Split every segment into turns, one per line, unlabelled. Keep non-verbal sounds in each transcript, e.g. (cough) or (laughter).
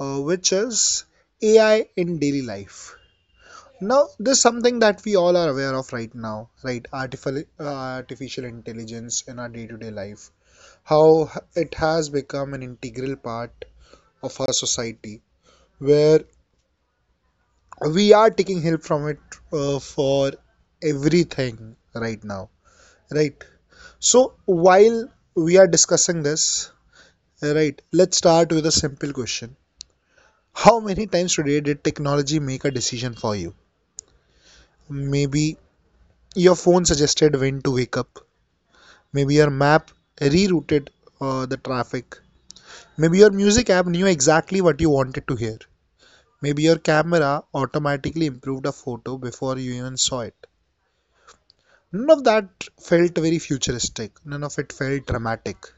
Which is AI in daily life. Now this is something that we all are aware of right now, right? Artificial, artificial intelligence in our day-to-day life. How it has become an integral part of our society where we are taking help from it for everything right now, right? So while we are discussing this right, let's start with a simple question. How many times today did technology make a decision for you? Maybe your phone suggested when to wake up, maybe your map rerouted the traffic, maybe your music app knew exactly what you wanted to hear, maybe your camera automatically improved a photo before you even saw it. None of that felt very futuristic, none of it felt dramatic.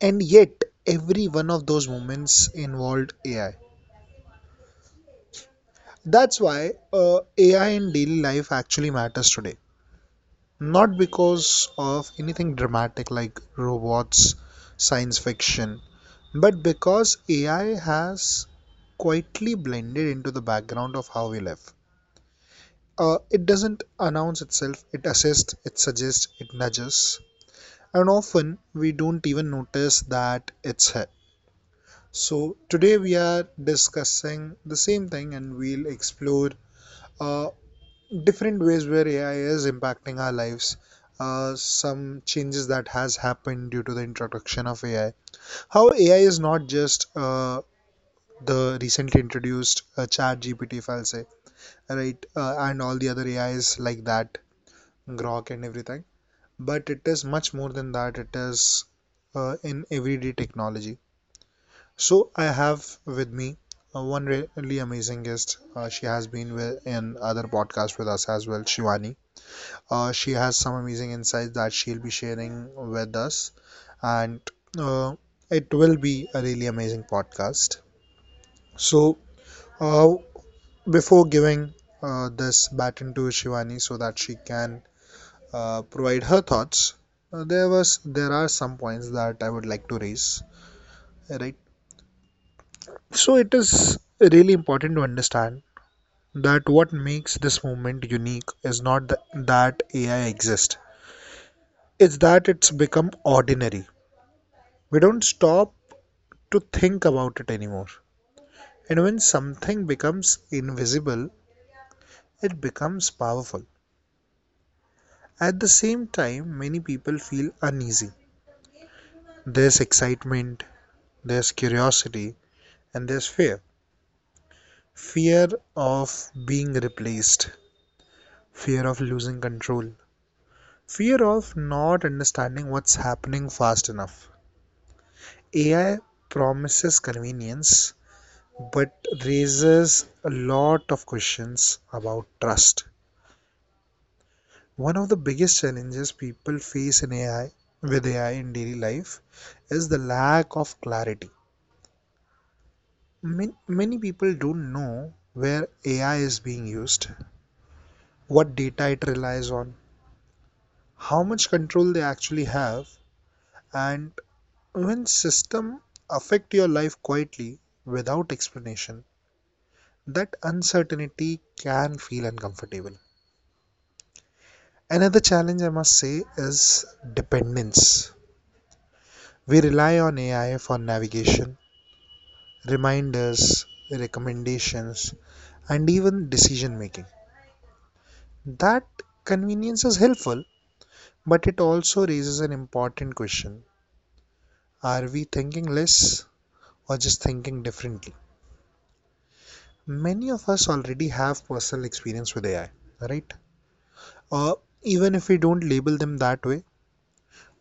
And yet, every one of those moments involved AI. That's why AI in daily life actually matters today. Not because of anything dramatic like robots, science fiction, but because AI has quietly blended into the background of how we live. It doesn't announce itself, it assists, it suggests, it nudges, and often we don't even notice that it's here. So today we are discussing the same thing, and we'll explore uh, different ways where AI is impacting our lives. Some changes that has happened due to the introduction of AI. How AI is not just the recently introduced Chat GPT, if I'll say, right, and all the other AIs like that, Grok and everything, but it is much more than that. It is in everyday technology. So I have with me one really amazing guest. She has been with, in other podcasts with us as well, Shivani. She has some amazing insights that she'll be sharing with us, and uh, it will be a really amazing podcast. So, uh, before giving this baton to Shivani so that she can provide her thoughts, there are some points that I would like to raise. Right. So it is really important to understand that what makes this movement unique is not that AI exists. It's that it's become ordinary. We don't stop to think about it anymore. And when something becomes invisible, it becomes powerful. At the same time, many people feel uneasy. There's excitement, there's curiosity, and there's fear. Fear of being replaced, fear of losing control, fear of not understanding what's happening fast enough. AI promises convenience but raises a lot of questions about trust. One of the biggest challenges people face in AI in daily life is the lack of clarity. Many people don't know where AI is being used, what data it relies on, how much control they actually have, and when systems affect your life quietly without explanation, that uncertainty can feel uncomfortable. Another challenge I must say is dependence. We rely on AI for navigation, reminders, recommendations, and even decision making. That convenience is helpful, but it also raises an important question: are we thinking less or just thinking differently? Many of us already have personal experience with AI, right? Uh, Even if we don't label them that way,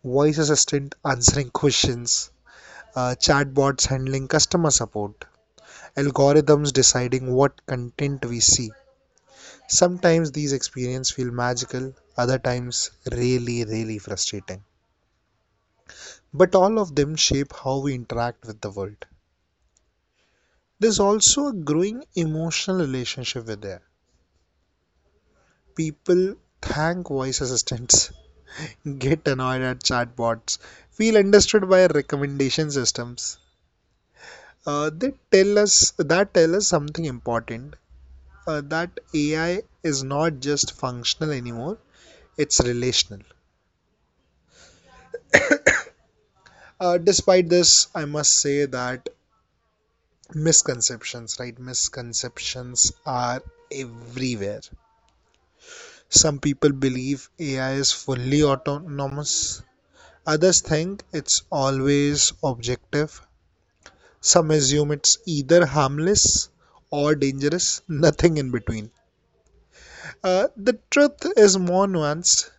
voice assistant answering (laughs) questions, chatbots handling customer support, algorithms deciding what content we see. Sometimes these experiences feel magical, other times really, really frustrating. But all of them shape how we interact with the world. There's also a growing emotional relationship with air. People thank voice assistants, (laughs) get annoyed at chatbots, feel understood by recommendation systems. They tell us that tell us something important that AI is not just functional anymore; it's relational. Despite this, I must say that misconceptions, right, misconceptions are everywhere. Some people believe AI is fully autonomous, others think it's always objective, some assume it's either harmless or dangerous, nothing in between. The truth is more nuanced.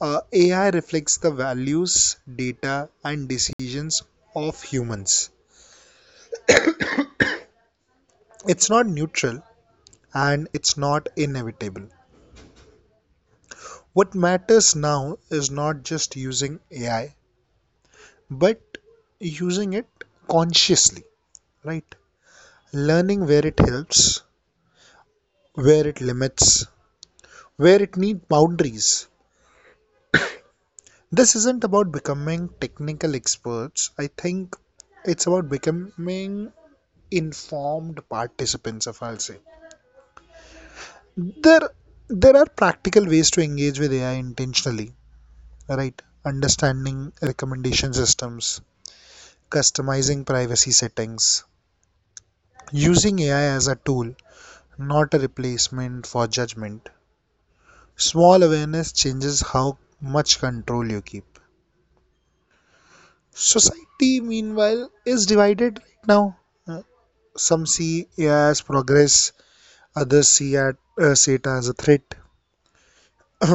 AI reflects the values, data and decisions of humans. It's not neutral and it's not inevitable. What matters now is not just using AI, but using it consciously, right? Learning where it helps, where it limits, where it needs boundaries. This isn't about becoming technical experts. I think it's about becoming informed participants, if I'll say. There, there are practical ways to engage with AI intentionally, right? Understanding recommendation systems, customizing privacy settings, using AI as a tool, not a replacement for judgment. Small awareness changes how much control you keep. Society, meanwhile, is divided right now. Uh, Some see AI as progress, others see it as a threat.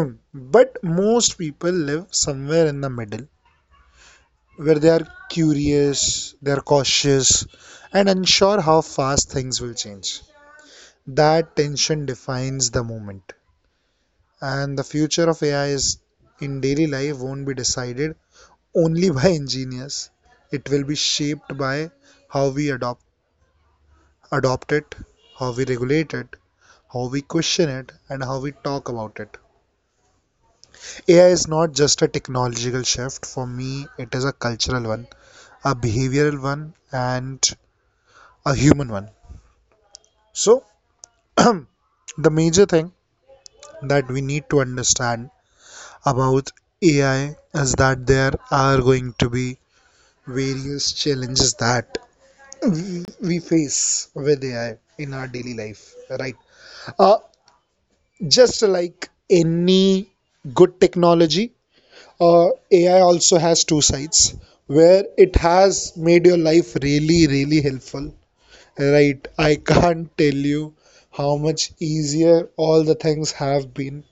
(clears throat) But most people live somewhere in the middle, where they are curious, they are cautious, and unsure how fast things will change. That tension defines the moment. And the future of AI is in daily life won't be decided only by (laughs) engineers. It will be shaped by how we adopt it, how we regulate it, how we question it, and how we talk about it. AI is not just a technological shift. For me, it is a cultural one, a behavioral one, and a human one. So, (clears throat) the major thing that we need to understand about AI is that there are going to be various challenges that we face with AI in our daily life, right? Uh, just like any good technology, AI also has two sides where it has made your life really, really helpful, right? I can't tell you how much easier all the things have been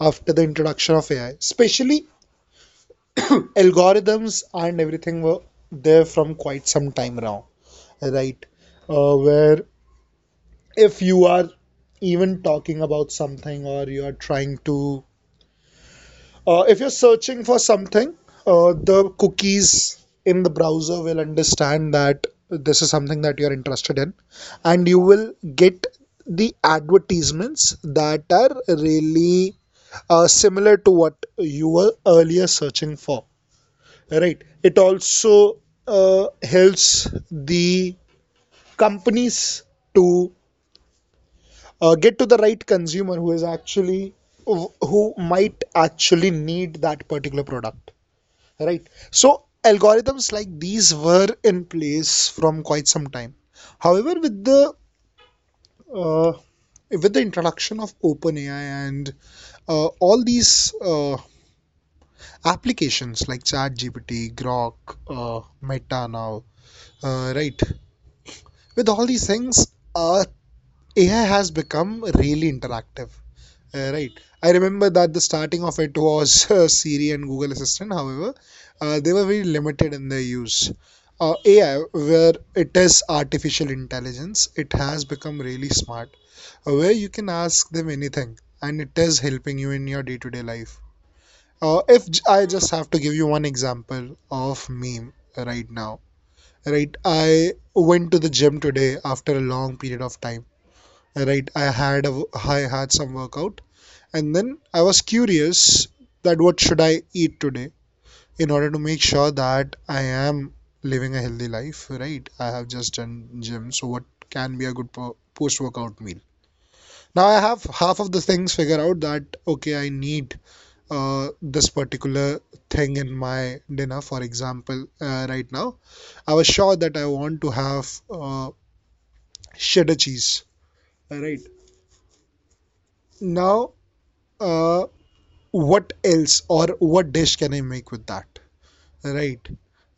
after the introduction of AI, especially algorithms and everything were there from quite some time now, right? Where if you are even talking about something, or you are trying to if you're searching for something, the cookies in the browser will understand that this is something that you're interested in, and you will get the advertisements that are really similar to what you were earlier searching for, right? It also helps the companies to get to the right consumer who is actually who might actually need that particular product, right? So algorithms like these were in place from quite some time. However, uh, with the introduction of OpenAI and all these applications like ChatGPT, Grok, Meta now, right? With all these things, uh, AI has become really interactive. Right. I remember that the starting of it was (laughs) Siri and Google Assistant. However, they were very limited in their use. AI, where it is artificial intelligence, it has become really smart, where you can ask them anything, and it is helping you in your day-to-day life. If I just have to give you one example of meme right now, right? I went to the gym today after a long period of time. Right, I had some workout and then I was curious that what should I eat today in order to make sure that I am living a healthy life, right? I have just done gym, so what can be a good post-workout meal? Now I have half of the things figured out that okay, I need this particular thing in my dinner. For example, right now I was sure that I want to have cheddar cheese. Right now, uh, what else or what dish can I make with that? Right.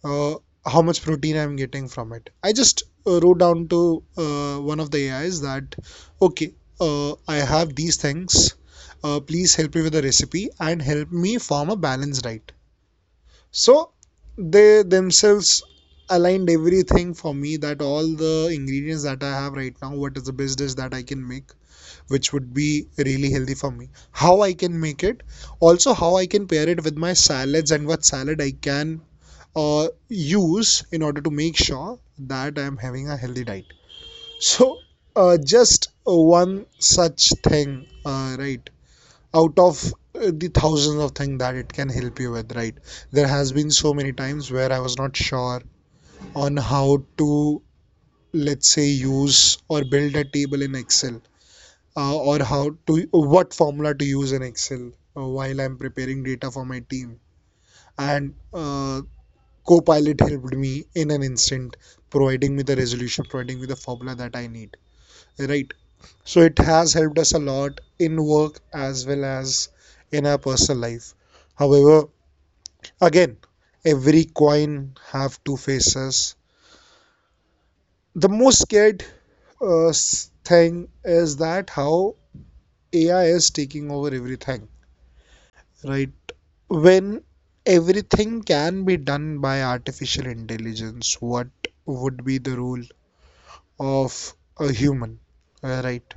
uh, how much protein I'm getting from it. I just wrote down to one of the AIs that, okay, I have these things. Please help me with the recipe and help me form a balanced diet. So they themselves aligned everything for me that all the ingredients that I have right now, what is the best dish that I can make, which would be really healthy for me, how I can make it, also how I can pair it with my salads and what salad I can use in order to make sure that I'm having a healthy diet. So, just one such thing, right? Out of the thousands of things that it can help you with, right? There has been so many times where I was not sure on how to, let's say, use or build a table in Excel, or how to what formula to use in Excel while I'm preparing data for my team. And Copilot helped me in an instant, providing me the resolution, providing me the formula that I need. Right. So it has helped us a lot in work as well as in our personal life. However, again, every coin have two faces. The most scared uh, thing is that how AI is taking over everything. Right. When everything can be done by artificial intelligence, what would be the role of a human, right?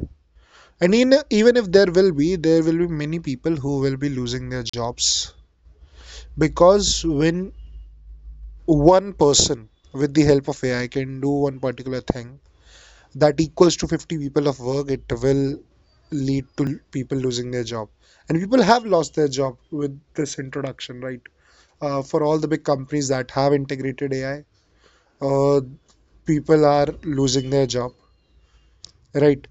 And in, even if there will be many people who will be losing their jobs, because when one person with the help of ai can do one particular thing that equals to 50 people of work, it will lead to people losing their job. And people have lost their job with this introduction, right? For all the big companies that have integrated ai, uh, people are losing their job, right?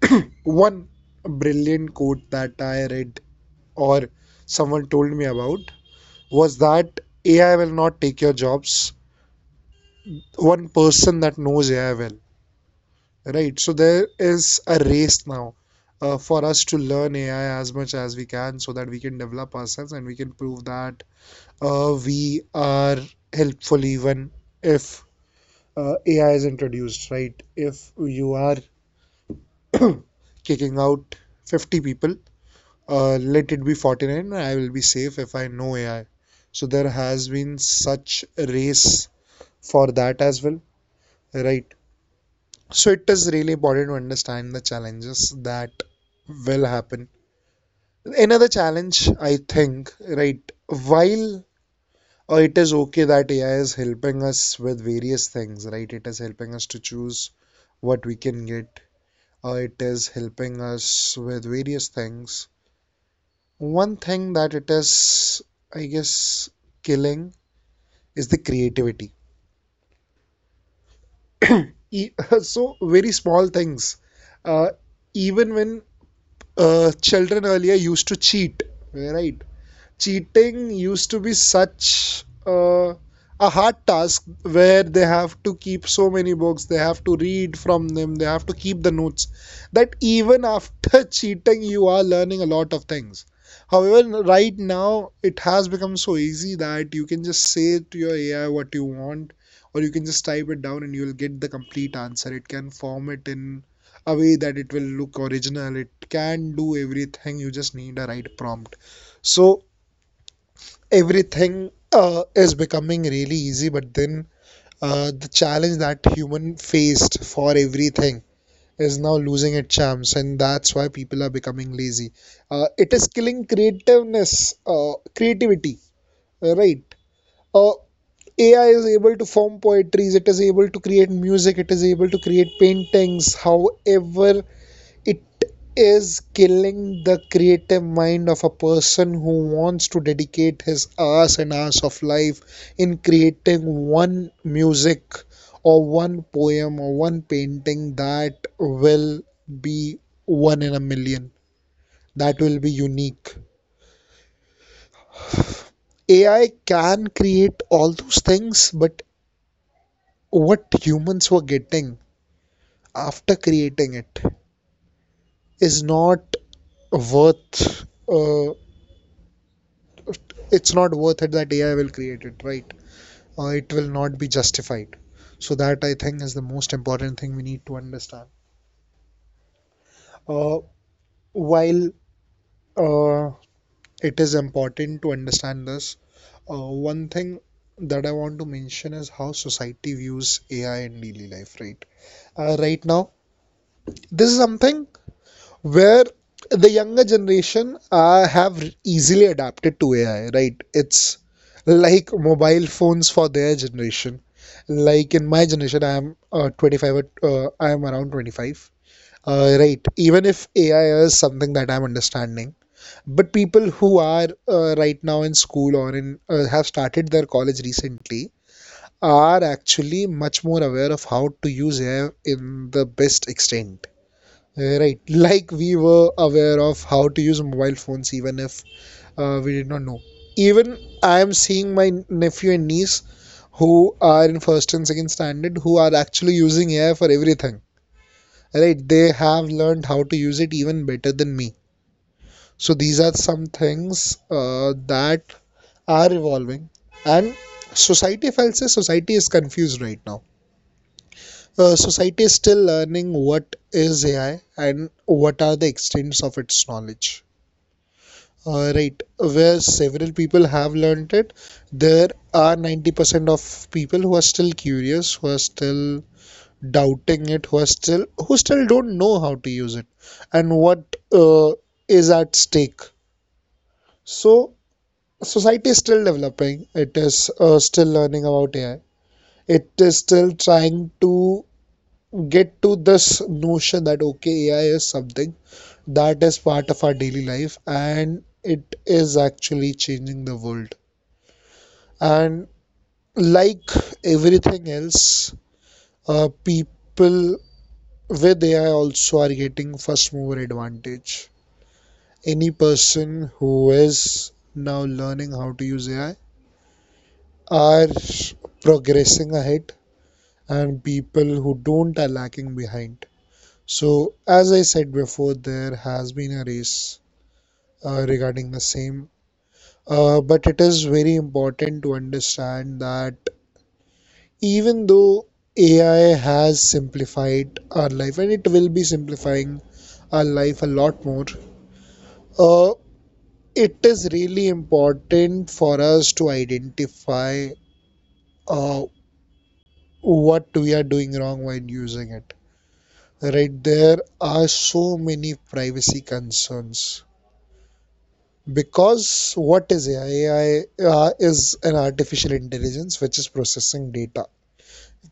(clears throat) One brilliant quote that I read or someone told me about was that AI will not take your jobs. One person that knows AI will, right? So there is a race now, for us to learn AI as much as we can, so that we can develop ourselves and we can prove that we are helpful even if AI is introduced, right? If you are (clears throat) kicking out 50 people, let it be 49. I will be safe if I know ai. So there has been such a race for that as well, right? So it is really important to understand the challenges that will happen. Another challenge I think, right, while it is okay that ai is helping us with various things, right, it is helping us to choose what we can get, it is helping us with various things. One thing that it is, I guess, killing is the creativity. (coughs) (clears throat) E- (laughs) So, very small things. Uh, Even when children earlier used to cheat, right? Cheating used to be such a hard task, where they have to keep so many books, they have to read from them, they have to keep the notes. That even after (laughs) cheating, you are learning a lot of things. However, right now it has become so easy that you can just say to your AI what you want, or you can just type it down and you'll get the complete answer. It can form it in a way that it will look original. It can do everything. You just need a right prompt. So everything is becoming really easy, but then the challenge that human faced for everything is now losing its charms, and that's why people are becoming lazy. It is killing creativeness, creativity, right? uh, AI is able to form poetries, it is able to create music, it is able to create paintings. However, it is killing the creative mind of a person who wants to dedicate his hours and hours of life in creating one music or one poem or one painting that will be one in a million, that will be unique. AI can create all those things, but what humans were getting after creating it is not worth, it's not worth it that AI will create it, right? It will not be justified. So that I think is the most important thing we need to understand. Uh, while uh, it is important to understand this, one thing that I want to mention is how society views AI in daily life, right? Right now, this is something where the younger generation have easily adapted to AI, right? It's like mobile phones for their generation. Like in my generation, I am 25, I am around 25. Right, even if AI is something that I'm understanding, but people who are right now in school or in have started their college recently are actually much more aware of how to use AI in the best extent. Right, like we were aware of how to use mobile phones, even if we did not know. Even I am seeing my nephew and niece who are in first and second standard, who are actually using AI for everything. Right, they have learned how to use it even better than me. So these are some things that are evolving, and society, if I'll say, society is confused right now. Society is still learning what is AI and what are the extents of its knowledge. Right, where several people have learned it, there are 90% of people who are still curious, who are still doubting it, who are still who still don't know how to use it and what is at stake. So society is still developing. It is still learning about AI. It is still trying to get to this notion that okay, AI is something that is part of our daily life and it is actually changing the world. And like everything else, people with ai also are getting first mover advantage. Any person who is now learning how to use ai are progressing ahead, and people who don't are lacking behind. So as I said before, there has been a race, regarding the same, but it is very important to understand that even though AI has simplified our life and it will be simplifying our life a lot more, uh, it is really important for us to identify uh, what we are doing wrong while using it. Right, there are so many privacy concerns, because what is AI? AI is an artificial intelligence which is processing data,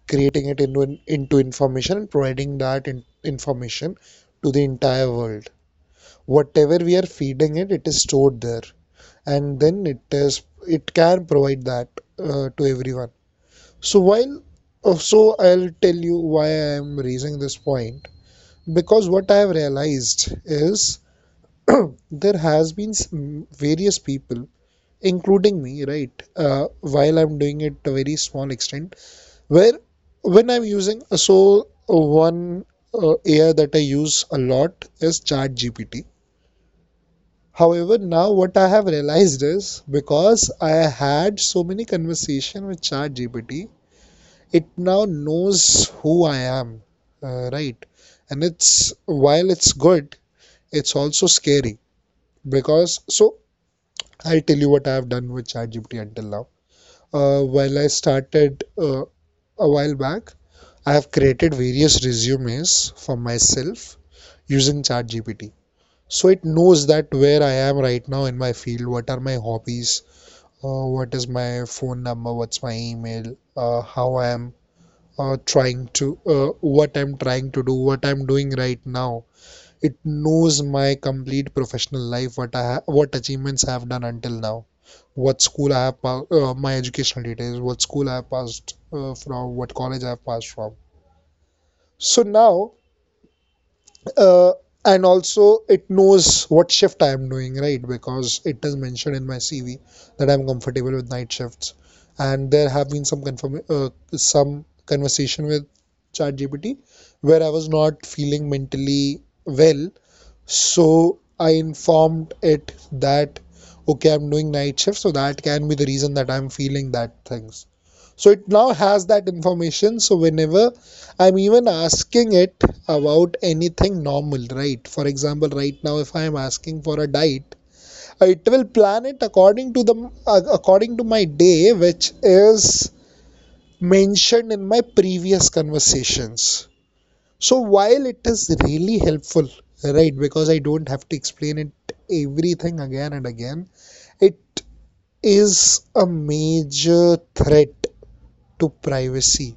creating it into information and providing that in, information to the entire world. Whatever we are feeding it, it is stored there, and then it can provide that to everyone. So while so I'll tell you why I am raising this point, because what I have realized is (clears throat) there has been various people including me, right? While I'm doing it to a very small extent, where when I'm using so one AI that I use a lot is ChatGPT. However, now what I have realized is because I had so many conversation with ChatGPT, it now knows who I am, right? And it's, while it's good, it's also scary. Because so I'll tell you what I have done with ChatGPT until now. While I started a while back, I have created various resumes for myself using ChatGPT. So it knows that where I am right now in my field, what are my hobbies, what is my phone number, what's my email, how I am trying to, what I'm trying to do, what I'm doing right now. It knows my complete professional life, what what achievements I have done until now, what school I have, my educational details, what school I have passed from, what college I have passed from. So now uh, and also it knows what shift I am doing, right? Because it is mentioned in my CV that I'm comfortable with night shifts, and there have been some confirm some conversation with ChatGPT where I was not feeling mentally well, so I informed it that okay, I'm doing night shift, so that can be the reason that I'm feeling that things. So it now has that information. So whenever I'm even asking it about anything normal, right? For example, right now if I am asking for a diet, it will plan it according to the according to my day, which is mentioned in my previous conversations. So while it is really helpful, right? Because I don't have to explain it everything again and again. It is a major threat to privacy,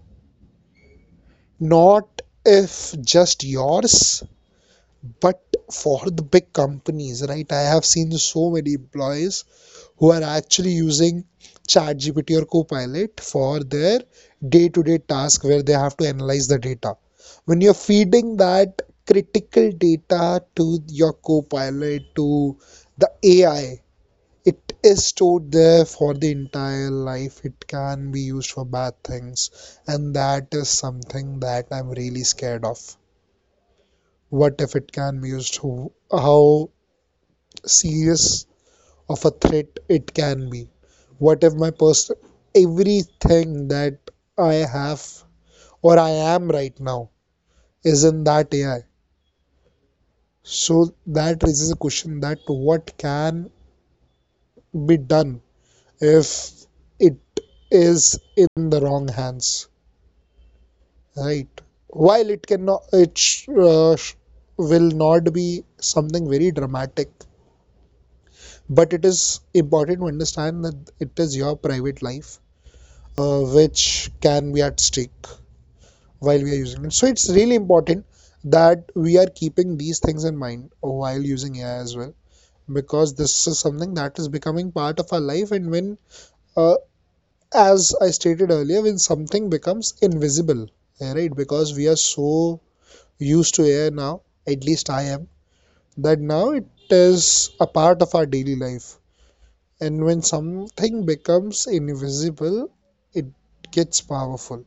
not if just yours but for the big companies, right? I have seen so many employees who are actually using ChatGPT or Copilot for their day-to-day task, where they have to analyze the data. When you're feeding that critical data to your Copilot, to the AI, it is stored there for the entire life. It can be used for bad things, and that is something that I'm really scared of. What if it can be used? How serious of a threat it can be? What if my person, everything that I have or I am right now, is in that AI? So that raises a question that what can be done if it is in the wrong hands? Right. While it cannot, it will not be something very dramatic, but it is important to understand that it is your private life, which can be at stake while we are using it. So it's really important that we are keeping these things in mind while using AI as well, because this is something that is becoming part of our life. And when, uh, as I stated earlier, when something becomes invisible, right? Because we are so used to AI now, at least I am, that now it is a part of our daily life. And when something becomes invisible, it gets powerful.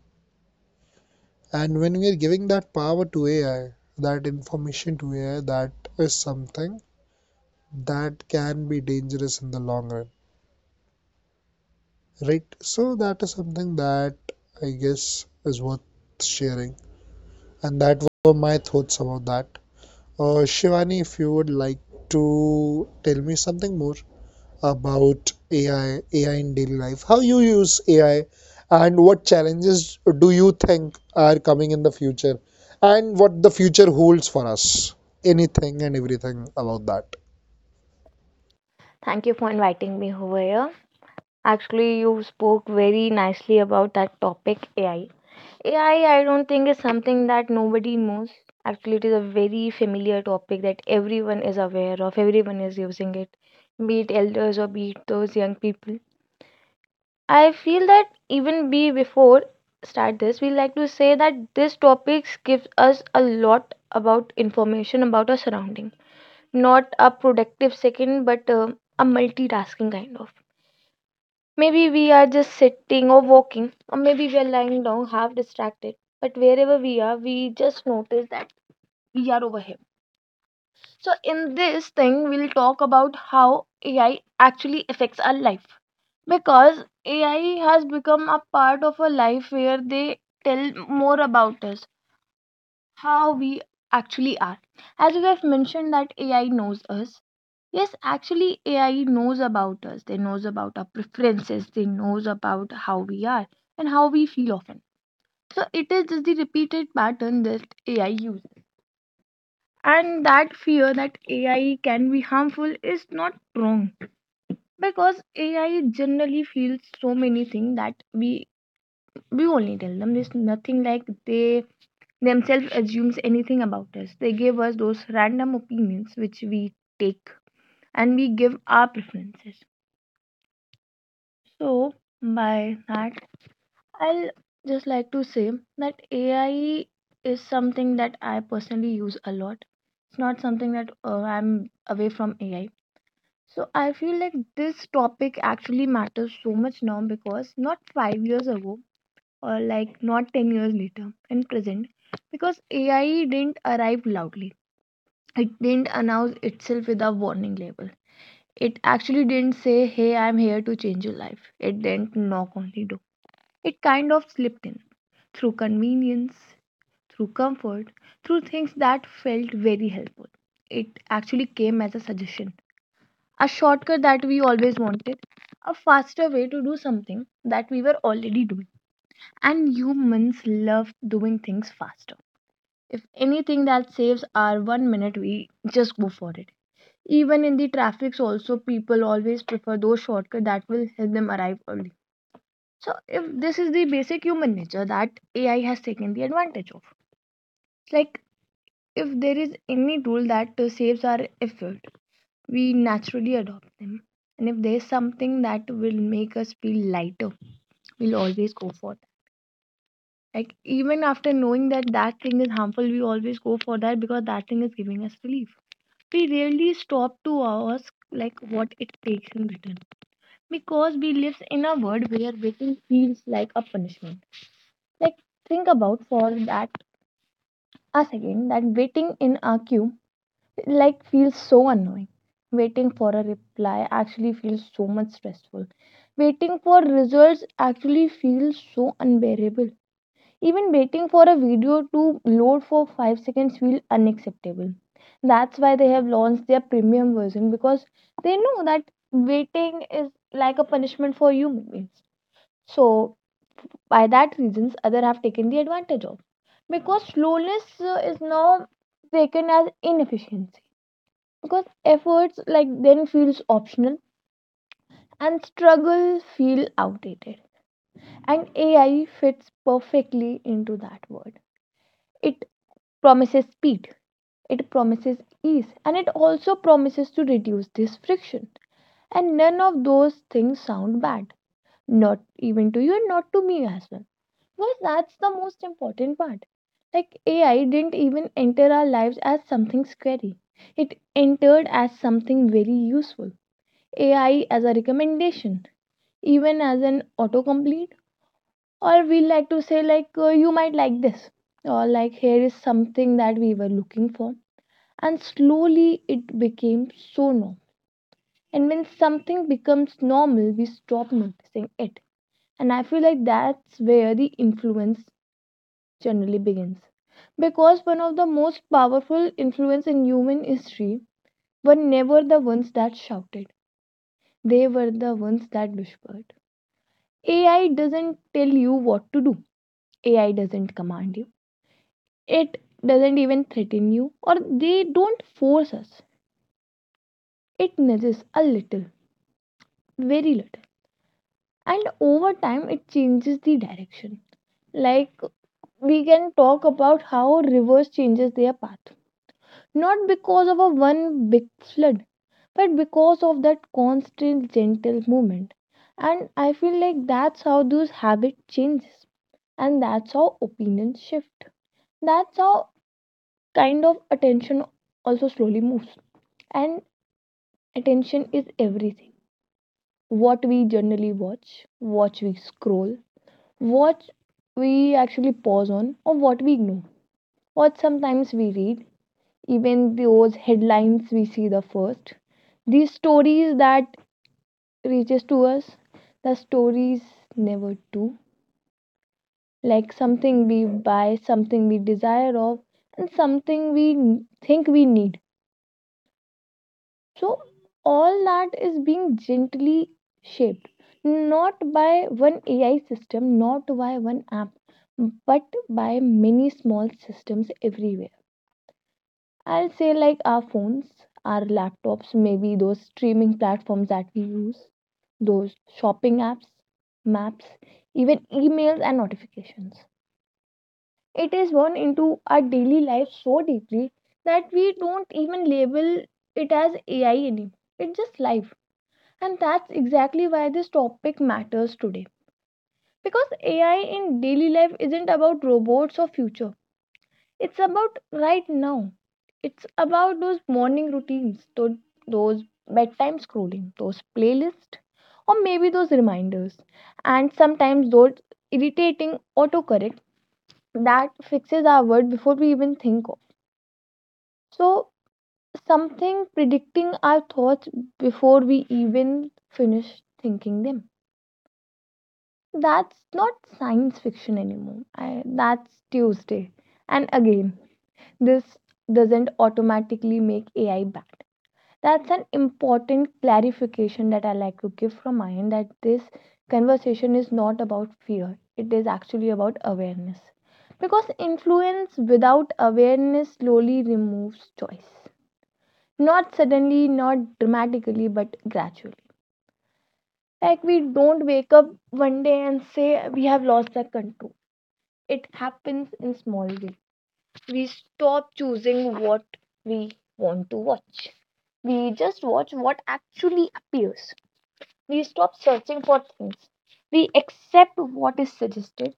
And when we are giving that power to AI, that information to AI, that is something that can be dangerous in the long run, right? So, that is something that I guess is worth sharing. And that were my thoughts about that. Shivani, if you would like to tell me something more. About AI, AI in daily life, how you use AI, and what challenges do you think are coming in the future, and what the future holds for us. Anything and everything about that.
Thank you for inviting me over here. Actually, you spoke very nicely about that topic AI. AI, I don't think is something that nobody knows. Actually, it is a very familiar topic that everyone is aware of, everyone is using it, be it elders or be it those young people. I feel that even be before start this, we like to say that this topic gives us a lot about information about our surrounding. Not a productive second, but a multitasking kind of. Maybe we are just sitting or walking, or maybe we are lying down half distracted. But wherever we are, we just notice that we are over here. So, in this thing, we'll talk about how AI actually affects our life because AI has become a part of our life where they tell more about us, how we actually are. As we have mentioned, that AI knows us. Yes, actually, AI knows about us. They knows about our preferences. They knows about how we are and how we feel often. So it is just the repeated pattern that AI uses. And that fear that AI can be harmful is not wrong because AI generally feels so many things that we only tell them. There's nothing like they themselves assumes anything about us. They give us those random opinions which we take and we give our preferences. So, by that, I'll just like to say that AI is something that I personally use a lot. It's not something that I'm away from AI. So, I feel like this topic actually matters so much now because not 5 years ago or like not 10 years later in present, because AI didn't arrive loudly. It didn't announce itself with a warning label. It actually didn't say, "Hey, I'm here to change your life." It didn't knock on the door. It kind of slipped in through convenience, through comfort, through things that felt very helpful. It actually came as a suggestion, a shortcut that we always wanted, a faster way to do something that we were already doing. And humans love doing things faster. If anything that saves our 1 minute, we just go for it. Even in the traffics, also, people always prefer those shortcuts that will help them arrive early. So, if this is the basic human nature that AI has taken the advantage of, like if there is any tool that saves our effort, we naturally adopt them. And if there's something that will make us feel lighter, we'll always go for that. Like, even after knowing that that thing is harmful, we always go for that because that thing is giving us relief. We rarely stop to ask, like, what it takes in return because we live in a world where waiting feels like a punishment. Like, think about for that. Us again, that waiting in a queue like feels so annoying. Waiting for a reply actually feels so much stressful. Waiting for results actually feels so unbearable. Even waiting for a video to load for 5 seconds feels unacceptable. That's why they have launched their premium version, because they know that waiting is like a punishment for human beings. So by that reasons other have taken the advantage of, because slowness is now taken as inefficiency, because efforts like then feels optional and struggle feel outdated. And AI fits perfectly into that word. It promises speed, it promises ease, and it also promises to reduce this friction, and none of those things sound bad, not even to you and not to me as well. Because that's the most important part. Like AI didn't even enter our lives as something scary. It entered as something very useful. AI as a recommendation, even as an autocomplete, or we like to say like you might like this, or like here is something that we were looking for. And slowly it became so normal. And when something becomes normal, we stop noticing it. And I feel like that's where the influence generally begins. Because one of the most powerful influence in human history were never the ones that shouted. They were the ones that whispered. AI doesn't tell you what to do. AI doesn't command you. It doesn't even threaten you or they don't force us. It nudges a little, very little. And over time it changes the direction. Like we can talk about how rivers changes their path, not because of a one big flood but because of that constant gentle movement. And I feel like that's how those habit changes, and that's how opinions shift, that's how kind of attention also slowly moves. And attention is everything, what we generally watch, what we scroll, what we actually pause on, or what we ignore, what sometimes we read, even those headlines we see, the first these stories that reaches to us, the stories never do, like something we buy, something we desire of, and something we think we need. So all that is being gently shaped, not by one AI system, not by one app, but by many small systems everywhere. I'll say like our phones, our laptops, maybe those streaming platforms that we use, those shopping apps, maps, even emails and notifications. It is woven into our daily life so deeply that we don't even label it as AI anymore. It's just life. And that's exactly why this topic matters today. Because AI in daily life isn't about robots or future. It's about right now. It's about those morning routines, those bedtime scrolling, those playlists, or maybe those reminders, and sometimes those irritating autocorrect that fixes our word before we even think of. So, something predicting our thoughts before we even finish thinking them. That's not science fiction anymore. I, that's Tuesday. And again, this doesn't automatically make AI bad. That's an important clarification that I like to give from my end, that this conversation is not about fear, it is actually about awareness. Because influence without awareness slowly removes choice. Not suddenly, not dramatically, but gradually. Like we don't wake up one day and say we have lost our control. It happens in small ways. We stop choosing what we want to watch. We just watch what actually appears. We stop searching for things. We accept what is suggested.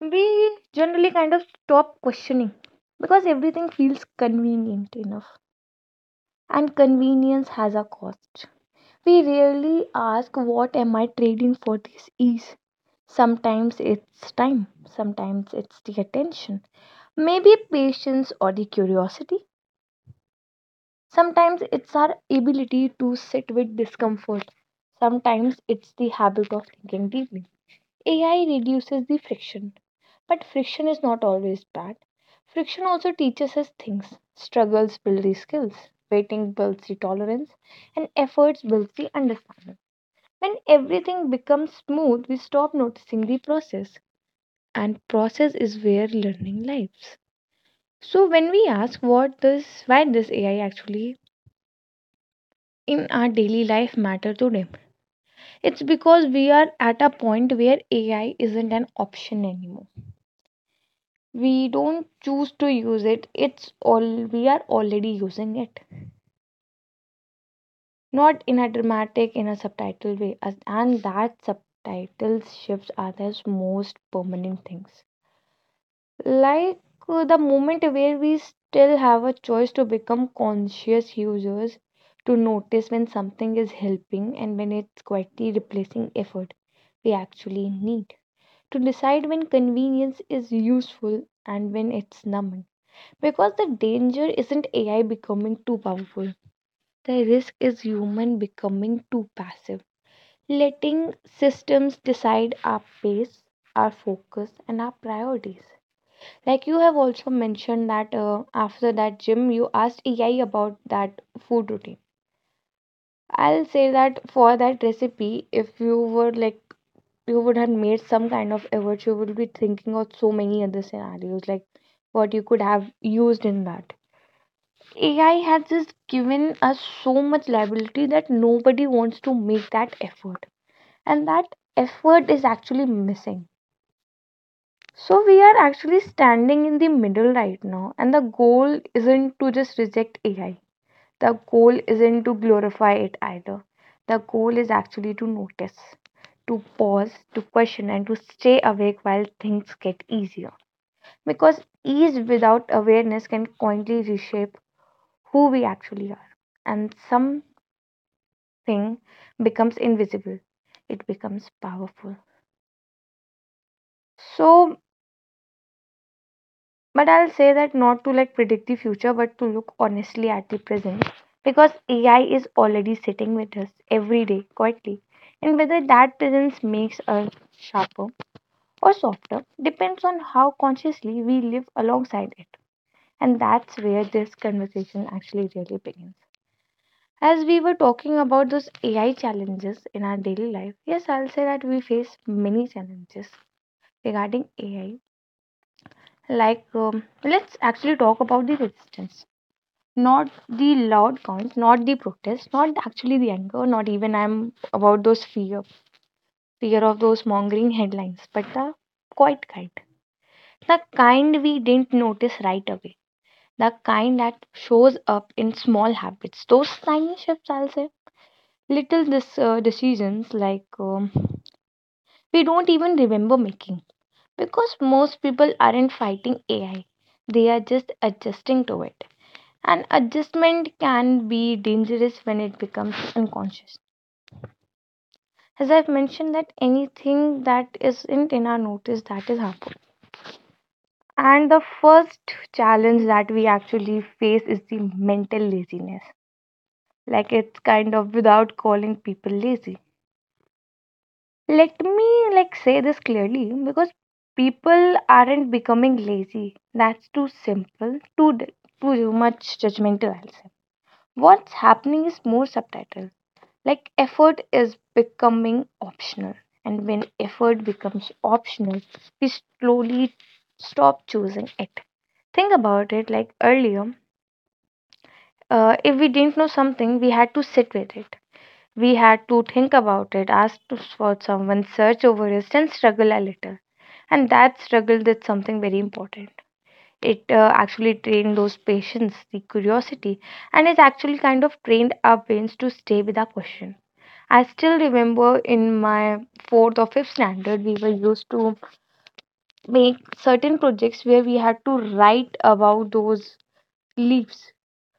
We generally kind of stop questioning because everything feels convenient enough. And convenience has a cost. We rarely ask, "What am I trading for this ease?" Sometimes it's time, sometimes it's the attention, maybe patience or the curiosity. Sometimes it's our ability to sit with discomfort. Sometimes it's the habit of thinking deeply. AI reduces the friction, but friction is not always bad. Friction also teaches us things. Struggles build the skills, waiting builds the tolerance, and efforts builds the understanding. When everything becomes smooth, we stop noticing the process, and process is where learning lives. So when we ask what this why this AI actually in our daily life matter today? It's because we are at a point where AI isn't an option anymore. We don't choose to use it. It's all we are already using it. Not in a dramatic, in a subtitle way. And that subtitles shifts are the most permanent things. Like the moment where we still have a choice to become conscious users, to notice when something is helping and when it's quietly replacing effort we actually need, to decide when convenience is useful and when it's numbing. Because the danger isn't AI becoming too powerful, the risk is human becoming too passive, letting systems decide our pace, our focus, and our priorities. Like you have also mentioned that after that gym, you asked AI about that food routine. I'll say that for that recipe, if you were like you would have made some kind of effort, you would be thinking of so many other scenarios, like what you could have used in that. AI has just given us so much liability that nobody wants to make that effort, and that effort is actually missing. So we are actually standing in the middle right now, and the goal isn't to just reject AI. The goal isn't to glorify it either. The goal is actually to notice, to pause, to question, and to stay awake while things get easier. Because ease without awareness can quietly reshape who we actually are. And something becomes invisible, it becomes powerful. So but I'll say that not to like predict the future, but to look honestly at the present, because AI is already sitting with us every day quietly. And whether that presence makes us sharper or softer depends on how consciously we live alongside it. And that's where this conversation actually really begins. As we were talking about those AI challenges in our daily life, yes, I'll say that we face many challenges regarding AI. Let's actually talk about the resistance, not the loud counts, not the protests, not actually the anger, not even I'm about those fear, fear of those mongering headlines, but the quiet kind. The kind we didn't notice right away. The kind that shows up in small habits. Those tiny shifts, I'll say. Little decisions we don't even remember making. Because most people aren't fighting AI, they are just adjusting to it. And adjustment can be dangerous when it becomes unconscious. As I've mentioned, that anything that isn't in our notice that is harmful. And the first challenge that we actually face is the mental laziness. Like it's kind of Without calling people lazy, let me say this clearly, because people aren't becoming lazy. That's too simple, too much judgmental. I'll say what's happening is more subtle. Like effort is becoming optional, and when effort becomes optional, we slowly stop choosing it. Think about it, like earlier if we didn't know something, we had to sit with it, we had to think about it, ask for someone, search over it and struggle a little. And that struggle did something very important. It actually trained those patience, the curiosity, and it actually kind of trained our brains to stay with our question. I still remember in my fourth or fifth standard, we were used to make certain projects where we had to write about those leaves.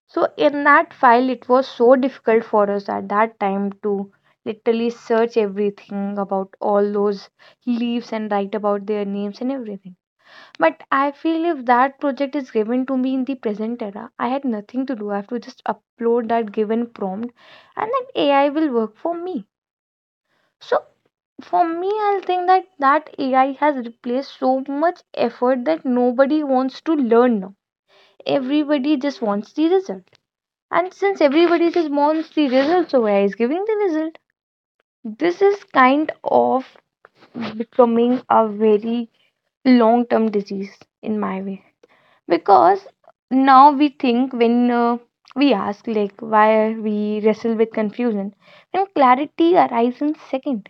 So in that file, it was so difficult for us at that time to literally search everything about all those leaves and write about their names and everything. But I feel if that project is given to me in the present era, I had nothing to do. I have to just upload that given prompt and then AI will work for me. So for me, I'll think that AI has replaced so much effort that nobody wants to learn now. Everybody just wants the result, and since everybody just wants the result, so AI is giving the result. This is kind of becoming a very long term disease in my way, because now we think, when we ask, like, why we wrestle with confusion when clarity arrives in second,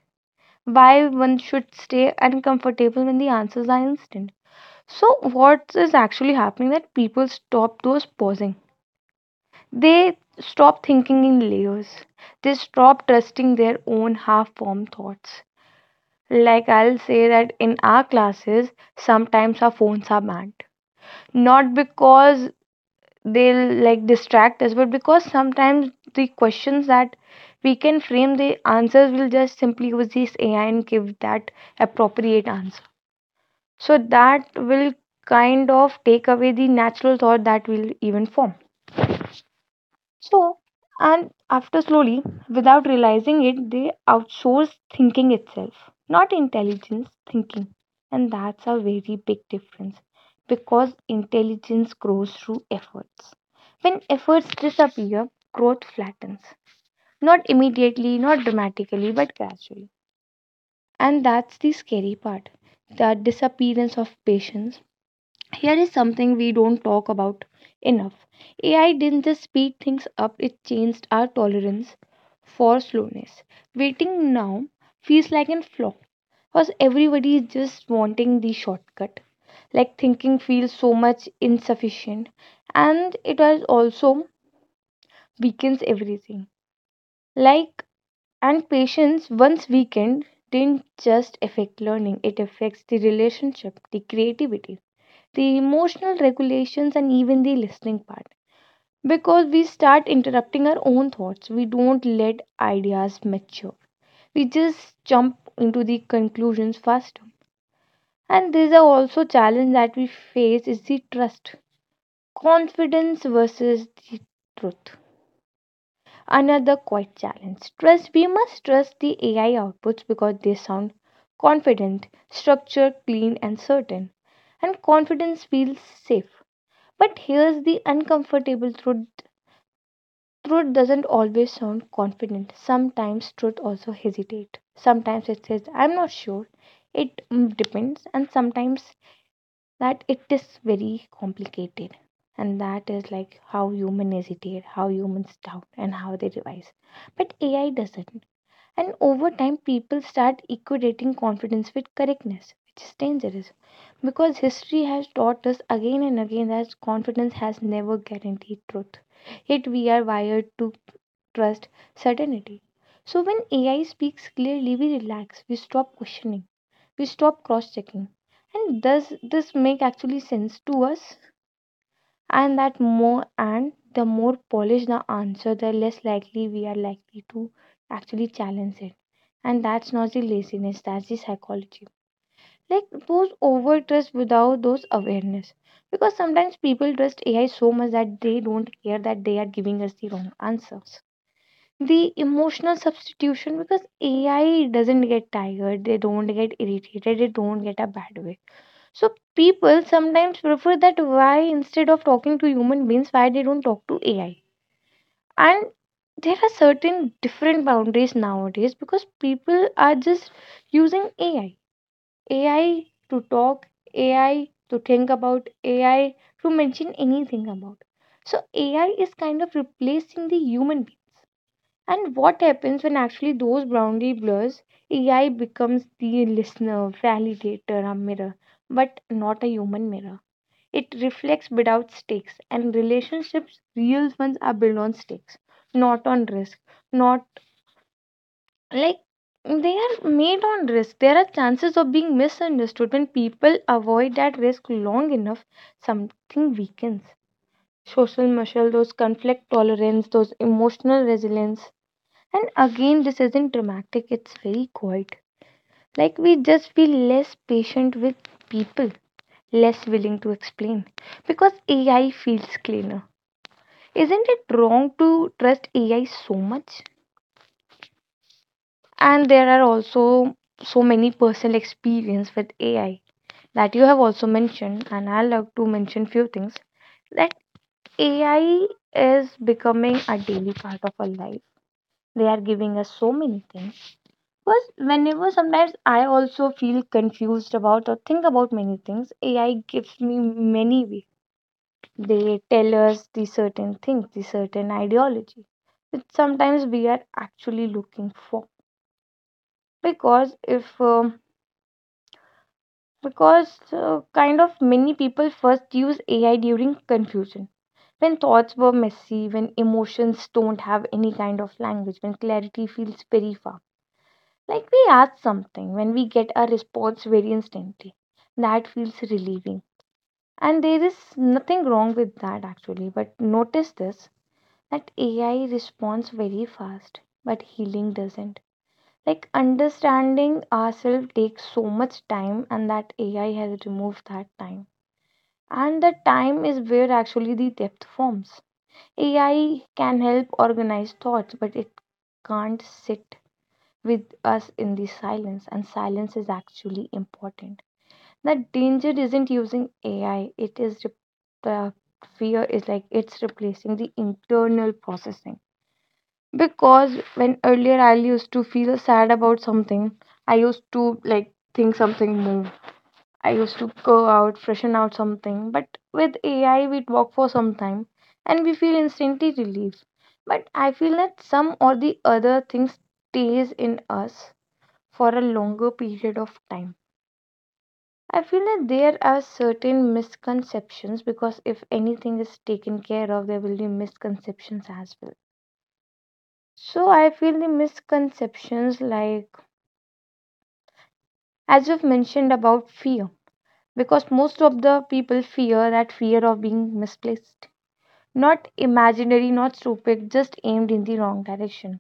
why one should stay uncomfortable when the answers are instant. So what is actually happening, that people stop those pausing. They stop thinking in layers. They stop trusting their own half-formed thoughts. Like I'll say that in our classes, sometimes our phones are banned. Not because they'll like distract us, but because sometimes the questions that we can frame, the answers will just simply use this AI and give that appropriate answer. So that will kind of take away the natural thought that will even form. So, and after slowly, without realizing it, they outsource thinking itself, not intelligence, thinking. And that's a very big difference, because intelligence grows through efforts. When efforts disappear, growth flattens. Not immediately, not dramatically, but gradually. And that's the scary part, the disappearance of patience. Here is something we don't talk about enough. AI didn't just speed things up, it changed our tolerance for slowness. Waiting now feels like a flaw, because everybody is just wanting the shortcut. Like thinking feels so much insufficient, and it has also weakens everything. Like and patience, once weakened, didn't just affect learning, it affects the relationship, the creativity, the emotional regulations, and even the listening part. Because we start interrupting our own thoughts, we don't let ideas mature. We just jump into the conclusions faster. And there's a also challenge that we face is the trust, confidence versus the truth. Another quite challenge. Trust. We must trust the AI outputs because they sound confident, structured, clean, and certain. And confidence feels safe. But here's the uncomfortable truth. Truth doesn't always sound confident. Sometimes truth also hesitate. Sometimes it says, I'm not sure. It depends. And sometimes that it is very complicated. And that is like how human hesitate, how humans doubt, and how they revise. But AI doesn't. And over time, people start equating confidence with correctness, which is dangerous, because history has taught us again and again that confidence has never guaranteed truth. Yet we are wired to trust certainty. So when AI speaks clearly, we relax, we stop questioning, we stop cross checking. And does this make actually sense to us? And that, more and the more polished the answer, the less likely we are likely to actually challenge it. And that's not the laziness, that's the psychology, like those over trust without those awareness. Because sometimes people trust AI so much that they don't care that they are giving us the wrong answers. The emotional substitution, because AI doesn't get tired, they don't get irritated, they don't get a bad way. So people sometimes prefer that, why instead of talking to human beings, why they don't talk to AI. And there are certain different boundaries nowadays, because people are just using AI to talk, AI to think about, AI to mention anything about. So AI is kind of replacing the human beings. And what happens when actually those boundary blurs, AI becomes the listener, validator, a mirror, but not a human mirror. It reflects without stakes, and relationships, real ones, are built on stakes, not on risk. Not like they are made on risk. There are chances of being misunderstood. When people avoid that risk long enough, something weakens. Social muscle, those conflict tolerance, those emotional resilience. And again, this isn't dramatic, it's very quiet. Like we just feel less patient with people, less willing to explain because AI feels cleaner. Isn't it wrong to trust AI so much? And there are also so many personal experience with AI that you have also mentioned, and I love to mention few things that AI is becoming a daily part of our life. They are giving us so many things. Because whenever sometimes I also feel confused about or think about many things, AI gives me many ways. They tell us the certain things, the certain ideology, which sometimes we are actually looking for. Because if because kind of many people first use AI during confusion, when thoughts were messy, when emotions don't have any kind of language, when clarity feels very far. Like we ask something, when we get a response very instantly, that feels relieving. And there is nothing wrong with that actually, but notice this, that AI responds very fast, but healing doesn't. Like understanding ourselves takes so much time, and that AI has removed that time. And the time is where actually the depth forms. AI can help organize thoughts, but it can't sit with us in the silence, and silence is actually important. The danger isn't using AI, it is the fear is like, it's replacing the internal processing. Because when earlier I used to feel sad about something, I used to like think something move. I used to go out, freshen out something. But with AI, we walk for some time and we feel instantly relief. But I feel that some or the other thing stays in us for a longer period of time. I feel that there are certain misconceptions, because if anything is taken care of, there will be misconceptions as well. So I feel the misconceptions, like as you've mentioned about fear, because most of the people fear that fear of being misplaced, not imaginary, not stupid, just aimed in the wrong direction.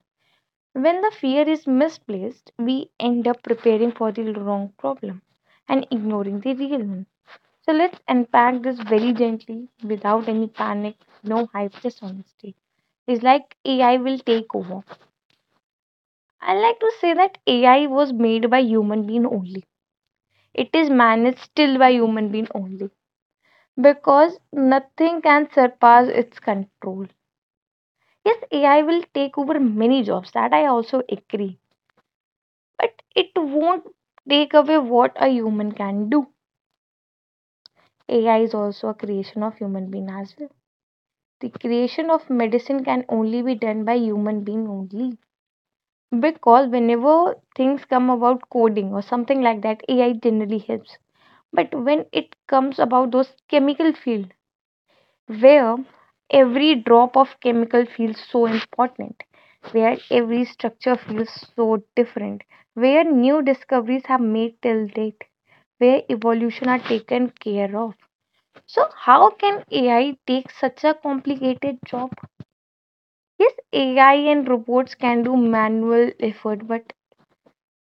When the fear is misplaced, we end up preparing for the wrong problem and ignoring the real one. So let's unpack this very gently, without any panic, no hype, just honesty. It's like AI will take over. I like to say that AI was made by human being only, it is managed still by human being only, because nothing can surpass its control. Yes, AI will take over many jobs, that I also agree, but it won't take away what a human can do. AI is also a creation of human being as well. The creation of medicine can only be done by human being only, because whenever things come about coding or something like that, AI generally helps. But when it comes about those chemical field, where every drop of chemical feels so important, where every structure feels so different, where new discoveries have made till date, where evolution are taken care of. So how can AI take such a complicated job? Yes, AI and robots can do manual effort, but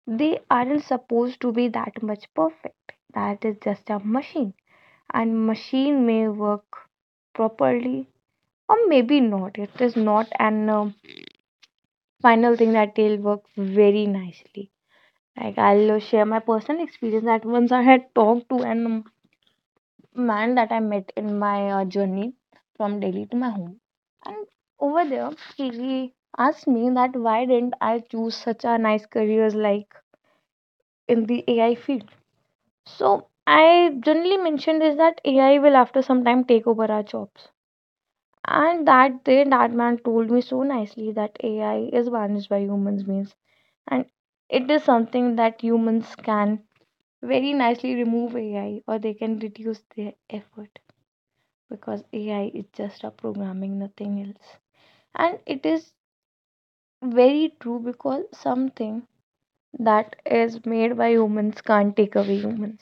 they aren't supposed to be that much perfect. That is just a machine. And machine may work properly or maybe not. It is not an final thing that they'll work very nicely. Like, I'll share my personal experience that once I had talked to an man that I met in my journey from Delhi to my home, and over there he asked me that why didn't I choose such a nice careers like in the AI field. So I generally mentioned is that AI will after some time take over our jobs. And that day, that man told me so nicely that AI is managed by humans means, and it is something that humans can very nicely remove AI or they can reduce their effort because AI is just a programming, nothing else. And it is very true because something that is made by humans can't take away humans.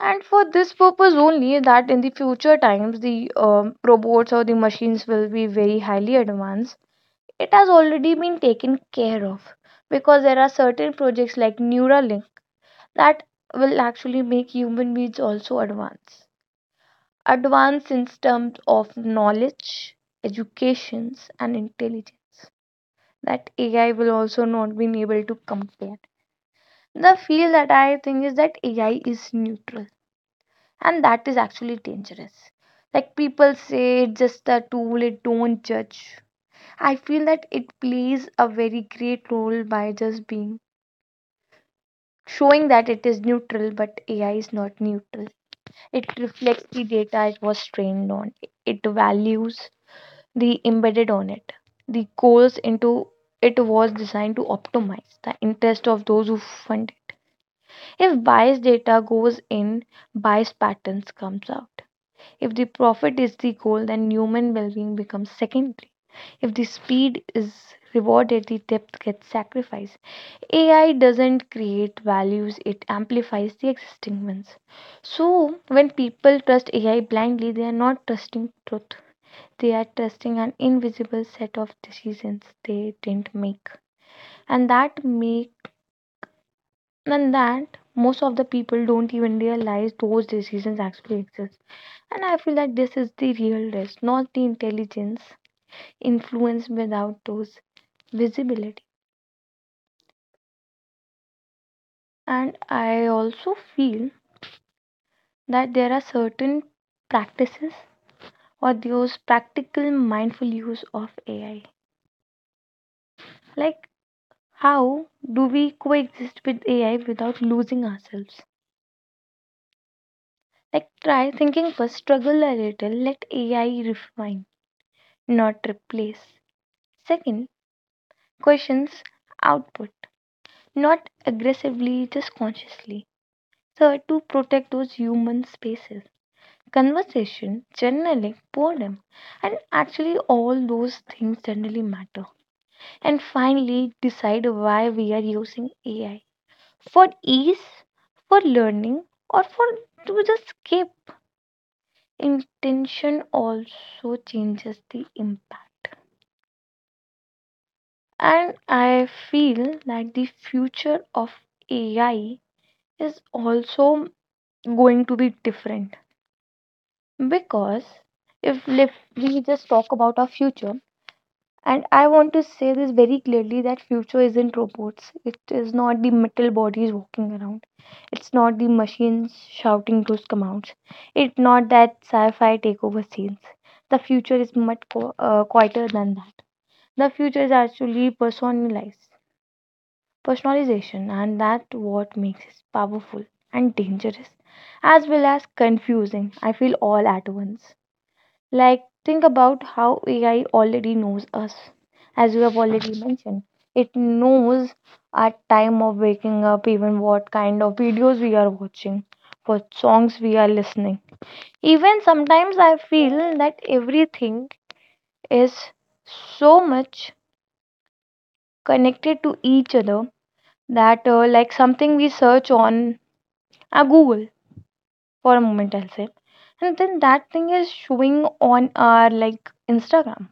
And for this purpose only, that in the future times, the robots or the machines will be very highly advanced. It has already been taken care of because there are certain projects like Neuralink that will actually make human beings also advance. Advance in terms of knowledge, educations, and intelligence that AI will also not be able to compare. The feel that I think is that AI is neutral and that is actually dangerous. Like people say, it's just a tool, it don't judge. I feel that it plays a very great role by just being showing that it is neutral, but AI is not neutral. It reflects the data it was trained on, it values the embedded on it, the goals into it was designed to optimize the interest of those who fund it. If biased data goes in, biased patterns comes out. If the profit is the goal, then human well-being becomes secondary. If the speed is rewarded, the depth gets sacrificed. AI doesn't create values, it amplifies the existing ones. So, when people trust AI blindly, they are not trusting truth. They are trusting an invisible set of decisions they didn't make. And that make and that most of the people don't even realize those decisions actually exist. And I feel that this is the real risk, not the intelligence influence without those visibility. And I also feel that there are certain practices or those practical mindful use of AI. Like, how do we coexist with AI without losing ourselves? Like, try thinking first, struggle a little, let AI refine, not replace. Second, questions output, not aggressively, just consciously. Third, to protect those human spaces. Conversation, journaling, boredom, and actually all those things generally matter. And finally decide why we are using AI, for ease, for learning, or for to just skip. Intention also changes the impact. And I feel that the future of AI is also going to be different because if lif- we just talk about our future. And I want to say this very clearly that future isn't robots. It is not the metal bodies walking around. It's not the machines shouting those commands. It's not that sci-fi takeover scenes. The future is much quieter than that. The future is actually personalized, personalization, and that's what makes it powerful and dangerous, as well as confusing. I feel all at once. Like, think about how AI already knows us, as you have already mentioned. It knows our time of waking up, even what kind of videos we are watching, what songs we are listening. Even sometimes I feel that everything is so much connected to each other that, like, something we search on Google for a moment, I'll say, and then that thing is showing on our like Instagram.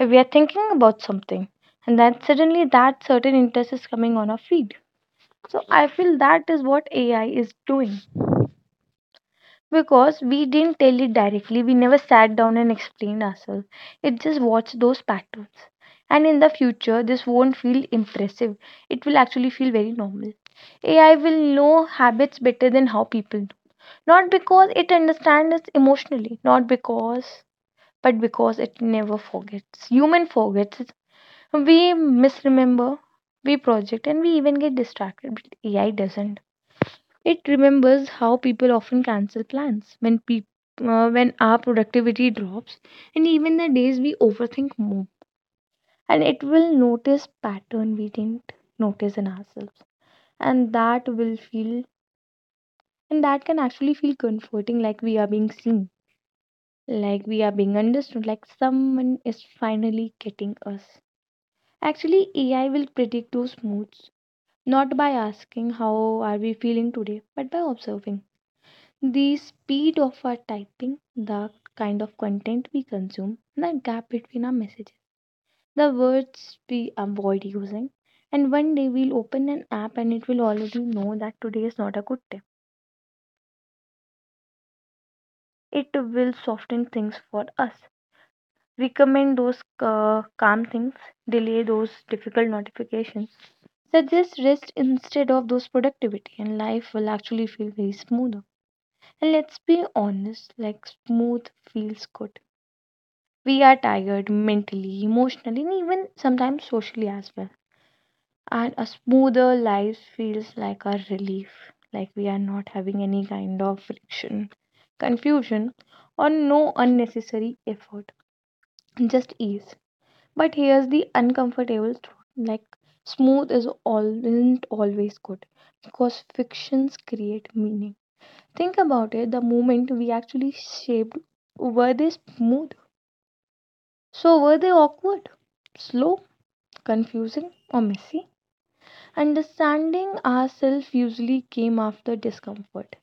If we are thinking about something and then suddenly that certain interest is coming on our feed. So I feel that is what AI is doing because we didn't tell it directly. We never sat down and explained ourselves. It just watched those patterns. And in the future, this won't feel impressive. It will actually feel very normal. AI will know habits better than how people do. Not because it understands us emotionally, not because, but because it never forgets. Human forgets, we misremember, we project, and we even get distracted. But AI doesn't. It remembers how people often cancel plans when people. When our productivity drops, and even the days we overthink more, and it will notice pattern we didn't notice in ourselves, and that can actually feel comforting, like we are being seen, like we are being understood, like someone is finally getting us. Actually, AI will predict those moods, not by asking how are we feeling today, but by observing the speed of our typing, the kind of content we consume, and the gap between our messages, the words we avoid using. And one day we'll open an app and it will already know that today is not a good day. It will soften things for us, recommend those calm things, delay those difficult notifications, suggest rest instead of those productivity, and life will actually feel very smooth. And let's be honest, like smooth feels good. We are tired mentally, emotionally, and even sometimes socially as well. And a smoother life feels like a relief, like we are not having any kind of friction, confusion, or no unnecessary effort, just ease. But here's the uncomfortable truth, like smooth is all, isn't always good, because fictions create meaning. Think about it, the moment we actually shaped, were they smooth? So were they awkward, slow, confusing, or messy? Understanding ourselves usually came after discomfort.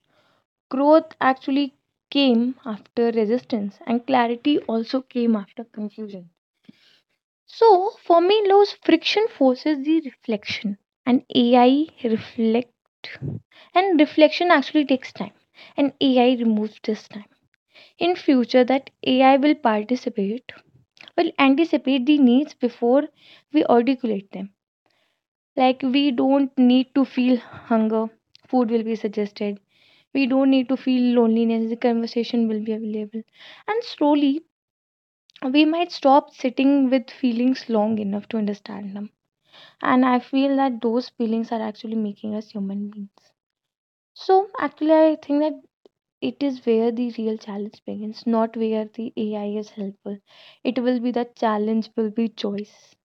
Growth actually came after resistance, and clarity also came after confusion. So, for me, Lowe's friction forces the reflection, and AI reflect, and reflection actually takes time, and AI removes this time. In future that AI will participate, will anticipate the needs before we articulate them. Like, we don't need to feel hunger, food will be suggested. We don't need to feel loneliness, the conversation will be available. And slowly, we might stop sitting with feelings long enough to understand them. And I feel that those feelings are actually making us human beings. So, actually, I think that it is where the real challenge begins, not where the AI is helpful. It will be the challenge, will be choice.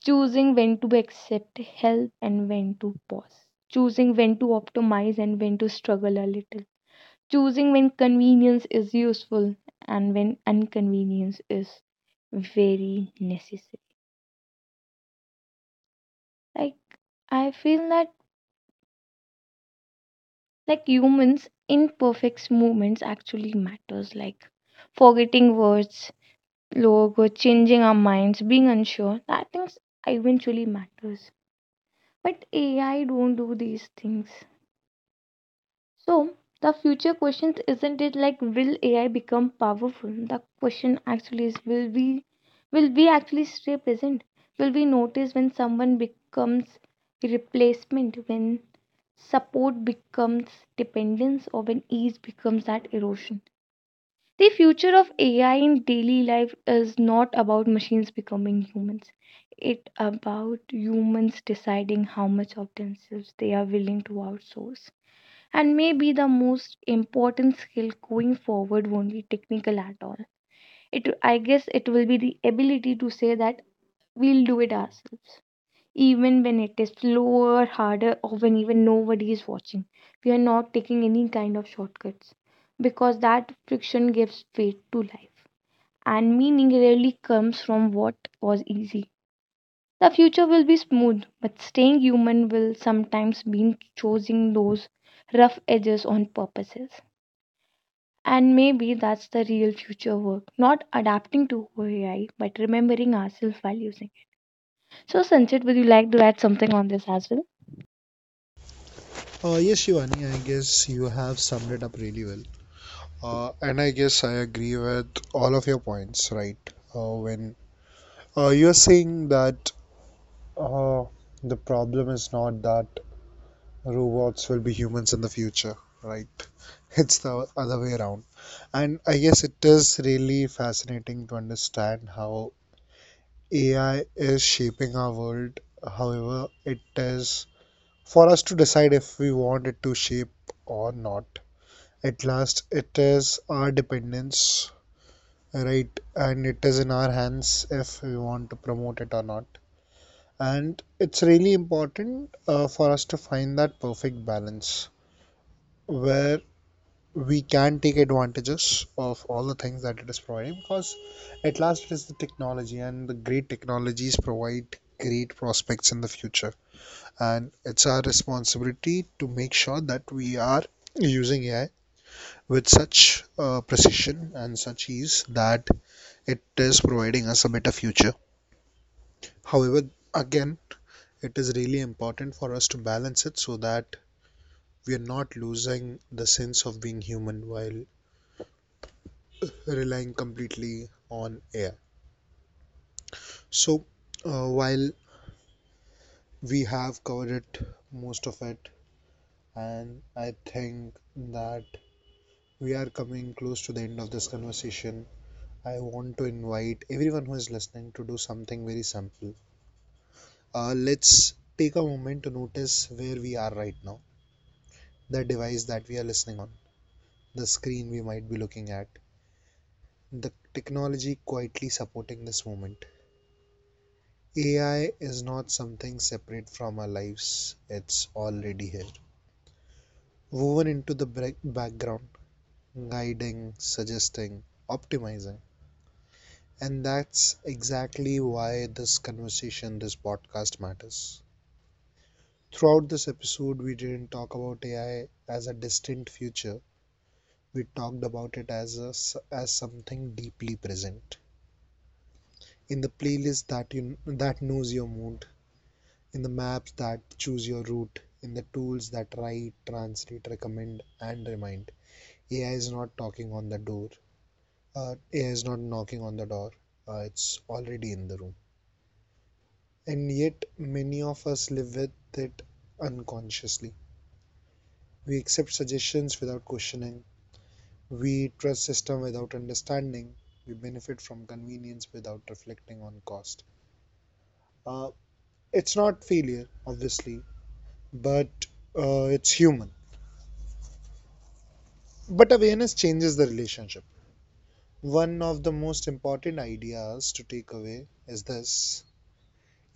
Choosing when to accept help and when to pause. Choosing when to optimize and when to struggle a little. Choosing when convenience is useful and when inconvenience is very necessary. Like, I feel that, like humans, imperfect moments actually matters. Like, forgetting words logo, changing our minds, being unsure, that things eventually matters. But AI don't do these things. So the future questions isn't it like, will AI become powerful? The question actually is, will we actually stay present? Will we notice when someone becomes replacement, when support becomes dependence, or when ease becomes that erosion? The future of AI in daily life is not about machines becoming humans. It's about humans deciding how much of themselves they are willing to outsource. And maybe the most important skill going forward won't be technical at all. It, I guess, it will be the ability to say that we'll do it ourselves. Even when it is slower, harder, or when even nobody is watching. We are not taking any kind of shortcuts because that friction gives weight to life, and meaning rarely comes from what was easy. The future will be smooth, but staying human will sometimes mean choosing those rough edges on purposes. And maybe that's the real future work, not adapting to AI, but remembering ourselves while using. So, Sanchit, would you like to add something on this as well?
Yes, Shivani, I guess you have summed it up really well. And I guess I agree with all of your points, right? When you're saying that uh, the problem is not that robots will be humans in the future, right? (laughs) It's the other way around. And I guess it is really fascinating to understand how AI is shaping our world. However, it is for us to decide if we want it to shape or not. At last, it is our dependence, right? And it is in our hands if we want to promote it or not. And it's really important for us to find that perfect balance where we can take advantages of all the things that it is providing, because at last it is the technology, and the great technologies provide great prospects in the future, and it's our responsibility to make sure that we are using AI with such precision and such ease that it is providing us a better future. However, again, it is really important for us to balance it so that we are not losing the sense of being human while relying completely on AI. So, while we have covered it, most of it, and I think that we are coming close to the end of this conversation. I want to invite everyone who is listening to do something very simple. Let's take a moment to notice where we are right now: the device that we are listening on, the screen we might be looking at, the technology quietly supporting this moment. AI is not something separate from our lives, it's already here, woven into the background, guiding, suggesting, optimizing. And that's exactly why this conversation, this podcast matters. Throughout this episode, we didn't talk about AI as a distant future. We talked about it as a s as something deeply present. In the playlist that you that knows your mood, in the maps that choose your route, in the tools that write, translate, recommend, and remind. AI is not talking on the door. AI is not knocking on the door. It's already in the room. And yet, many of us live with it unconsciously. We accept suggestions without questioning. We trust system without understanding. We benefit from convenience without reflecting on cost. Uh, it's not failure, obviously, but it's human. But awareness changes the relationship. One of the most important ideas to take away is this: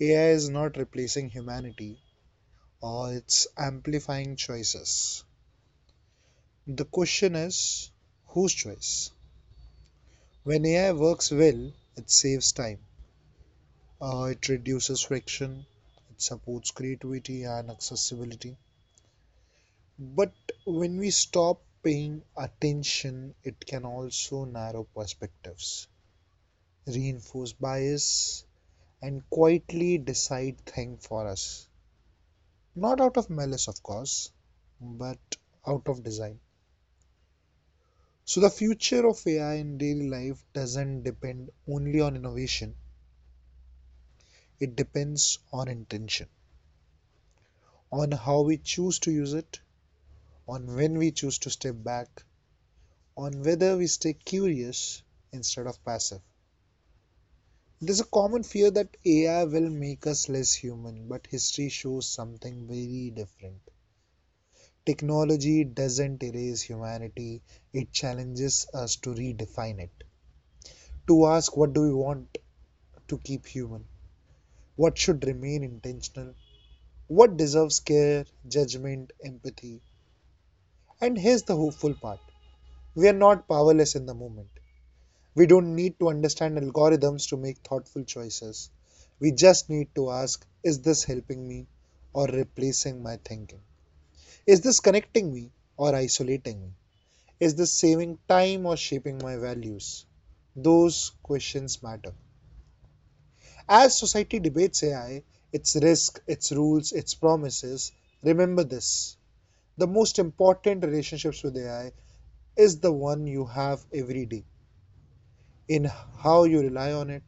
AI is not replacing humanity, or it's amplifying choices. The question is whose choice? When AI works well, it saves time. It reduces friction, it supports creativity and accessibility. But when we stop paying attention, it can also narrow perspectives, reinforce bias, and quietly decide things for us. Not out of malice, of course, but out of design. So, the future of AI in daily life doesn't depend only on innovation, it depends on intention, on how we choose to use it, on when we choose to step back, on whether we stay curious instead of passive. There's a common fear that AI will make us less human, but history shows something very different. Technology doesn't erase humanity, it challenges us to redefine it. To ask, what do we want to keep human? What should remain intentional? What deserves care, judgment, empathy? And here's the hopeful part: we are not powerless in the moment. We don't need to understand algorithms to make thoughtful choices. We just need to ask, is this helping me or replacing my thinking? Is this connecting me or isolating me? Is this saving time or shaping my values? Those questions matter. As society debates AI, its risk, its rules, its promises, remember this. The most important relationships with AI is the one you have every day in how you rely on it,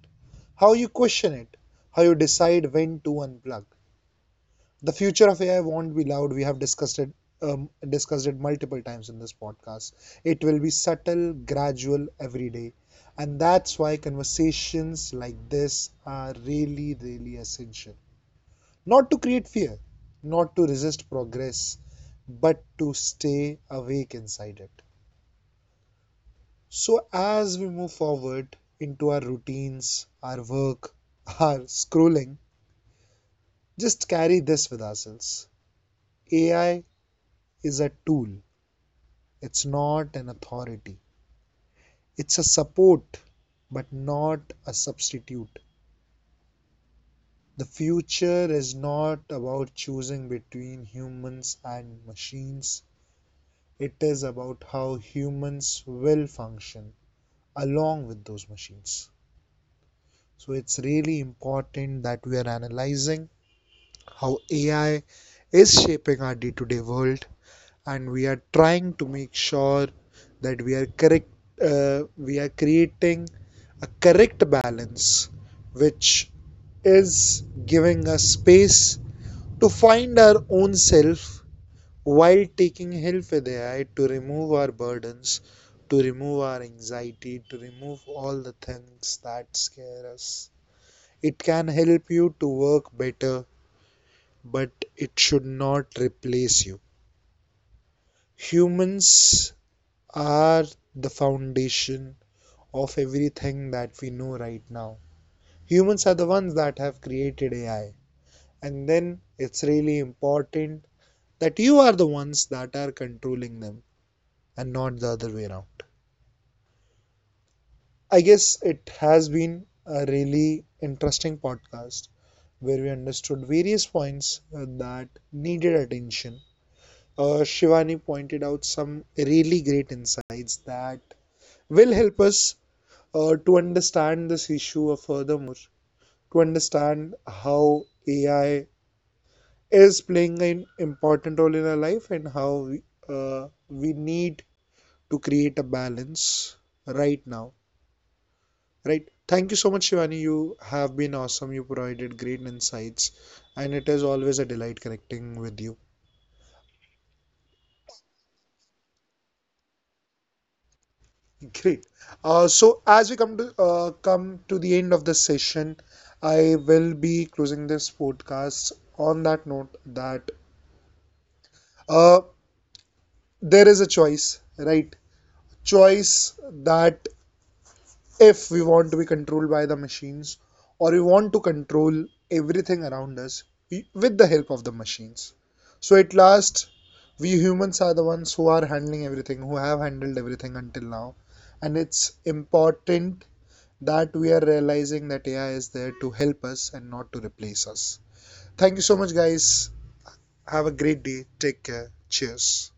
how you question it, how you decide when to unplug. The future of AI won't be loud. We have discussed it multiple times in this podcast. It will be subtle, gradual, every day. And that's why conversations like this are really, really essential. Not to create fear, not to resist progress, but to stay awake inside it. So, as we move forward into our routines, our work, our scrolling, just carry this with ourselves: AI is a tool, it's not an authority. It's a support, but not a substitute. The future is not about choosing between humans and machines, it is about how humans will function along with those machines. So it's really important that we are analyzing how AI is shaping our day to day world, and we are trying to make sure that we are creating a correct balance which is giving us space to find our own self while taking help with AI to remove our burdens, to remove our anxiety, to remove all the things that scare us. It can help you to work better, but it should not replace you. Humans are the foundation of everything that we know right now. Humans are the ones that have created AI. And then it's really important that you are the ones that are controlling them and not the other way around. I guess it has been a really interesting podcast where we understood various points that needed attention. Shivani pointed out some really great insights that will help us to understand this issue, or furthermore, to understand how AI is playing an important role in our life and how we need to create a balance right now. Right. Thank you so much, Shivani. You have been awesome. You provided great insights, and it is always a delight connecting with you. (laughs) Great. So as we come to the end of the session, I will be closing this podcast on that note, that uh, there is a choice, right? Choice that if we want to be controlled by the machines or we want to control everything around us with the help of the machines. So at last, we humans are the ones who are handling everything, who have handled everything until now. And it's important that we are realizing that AI is there to help us and not to replace us. Thank you so much, guys. Have a great day. Take care. Cheers.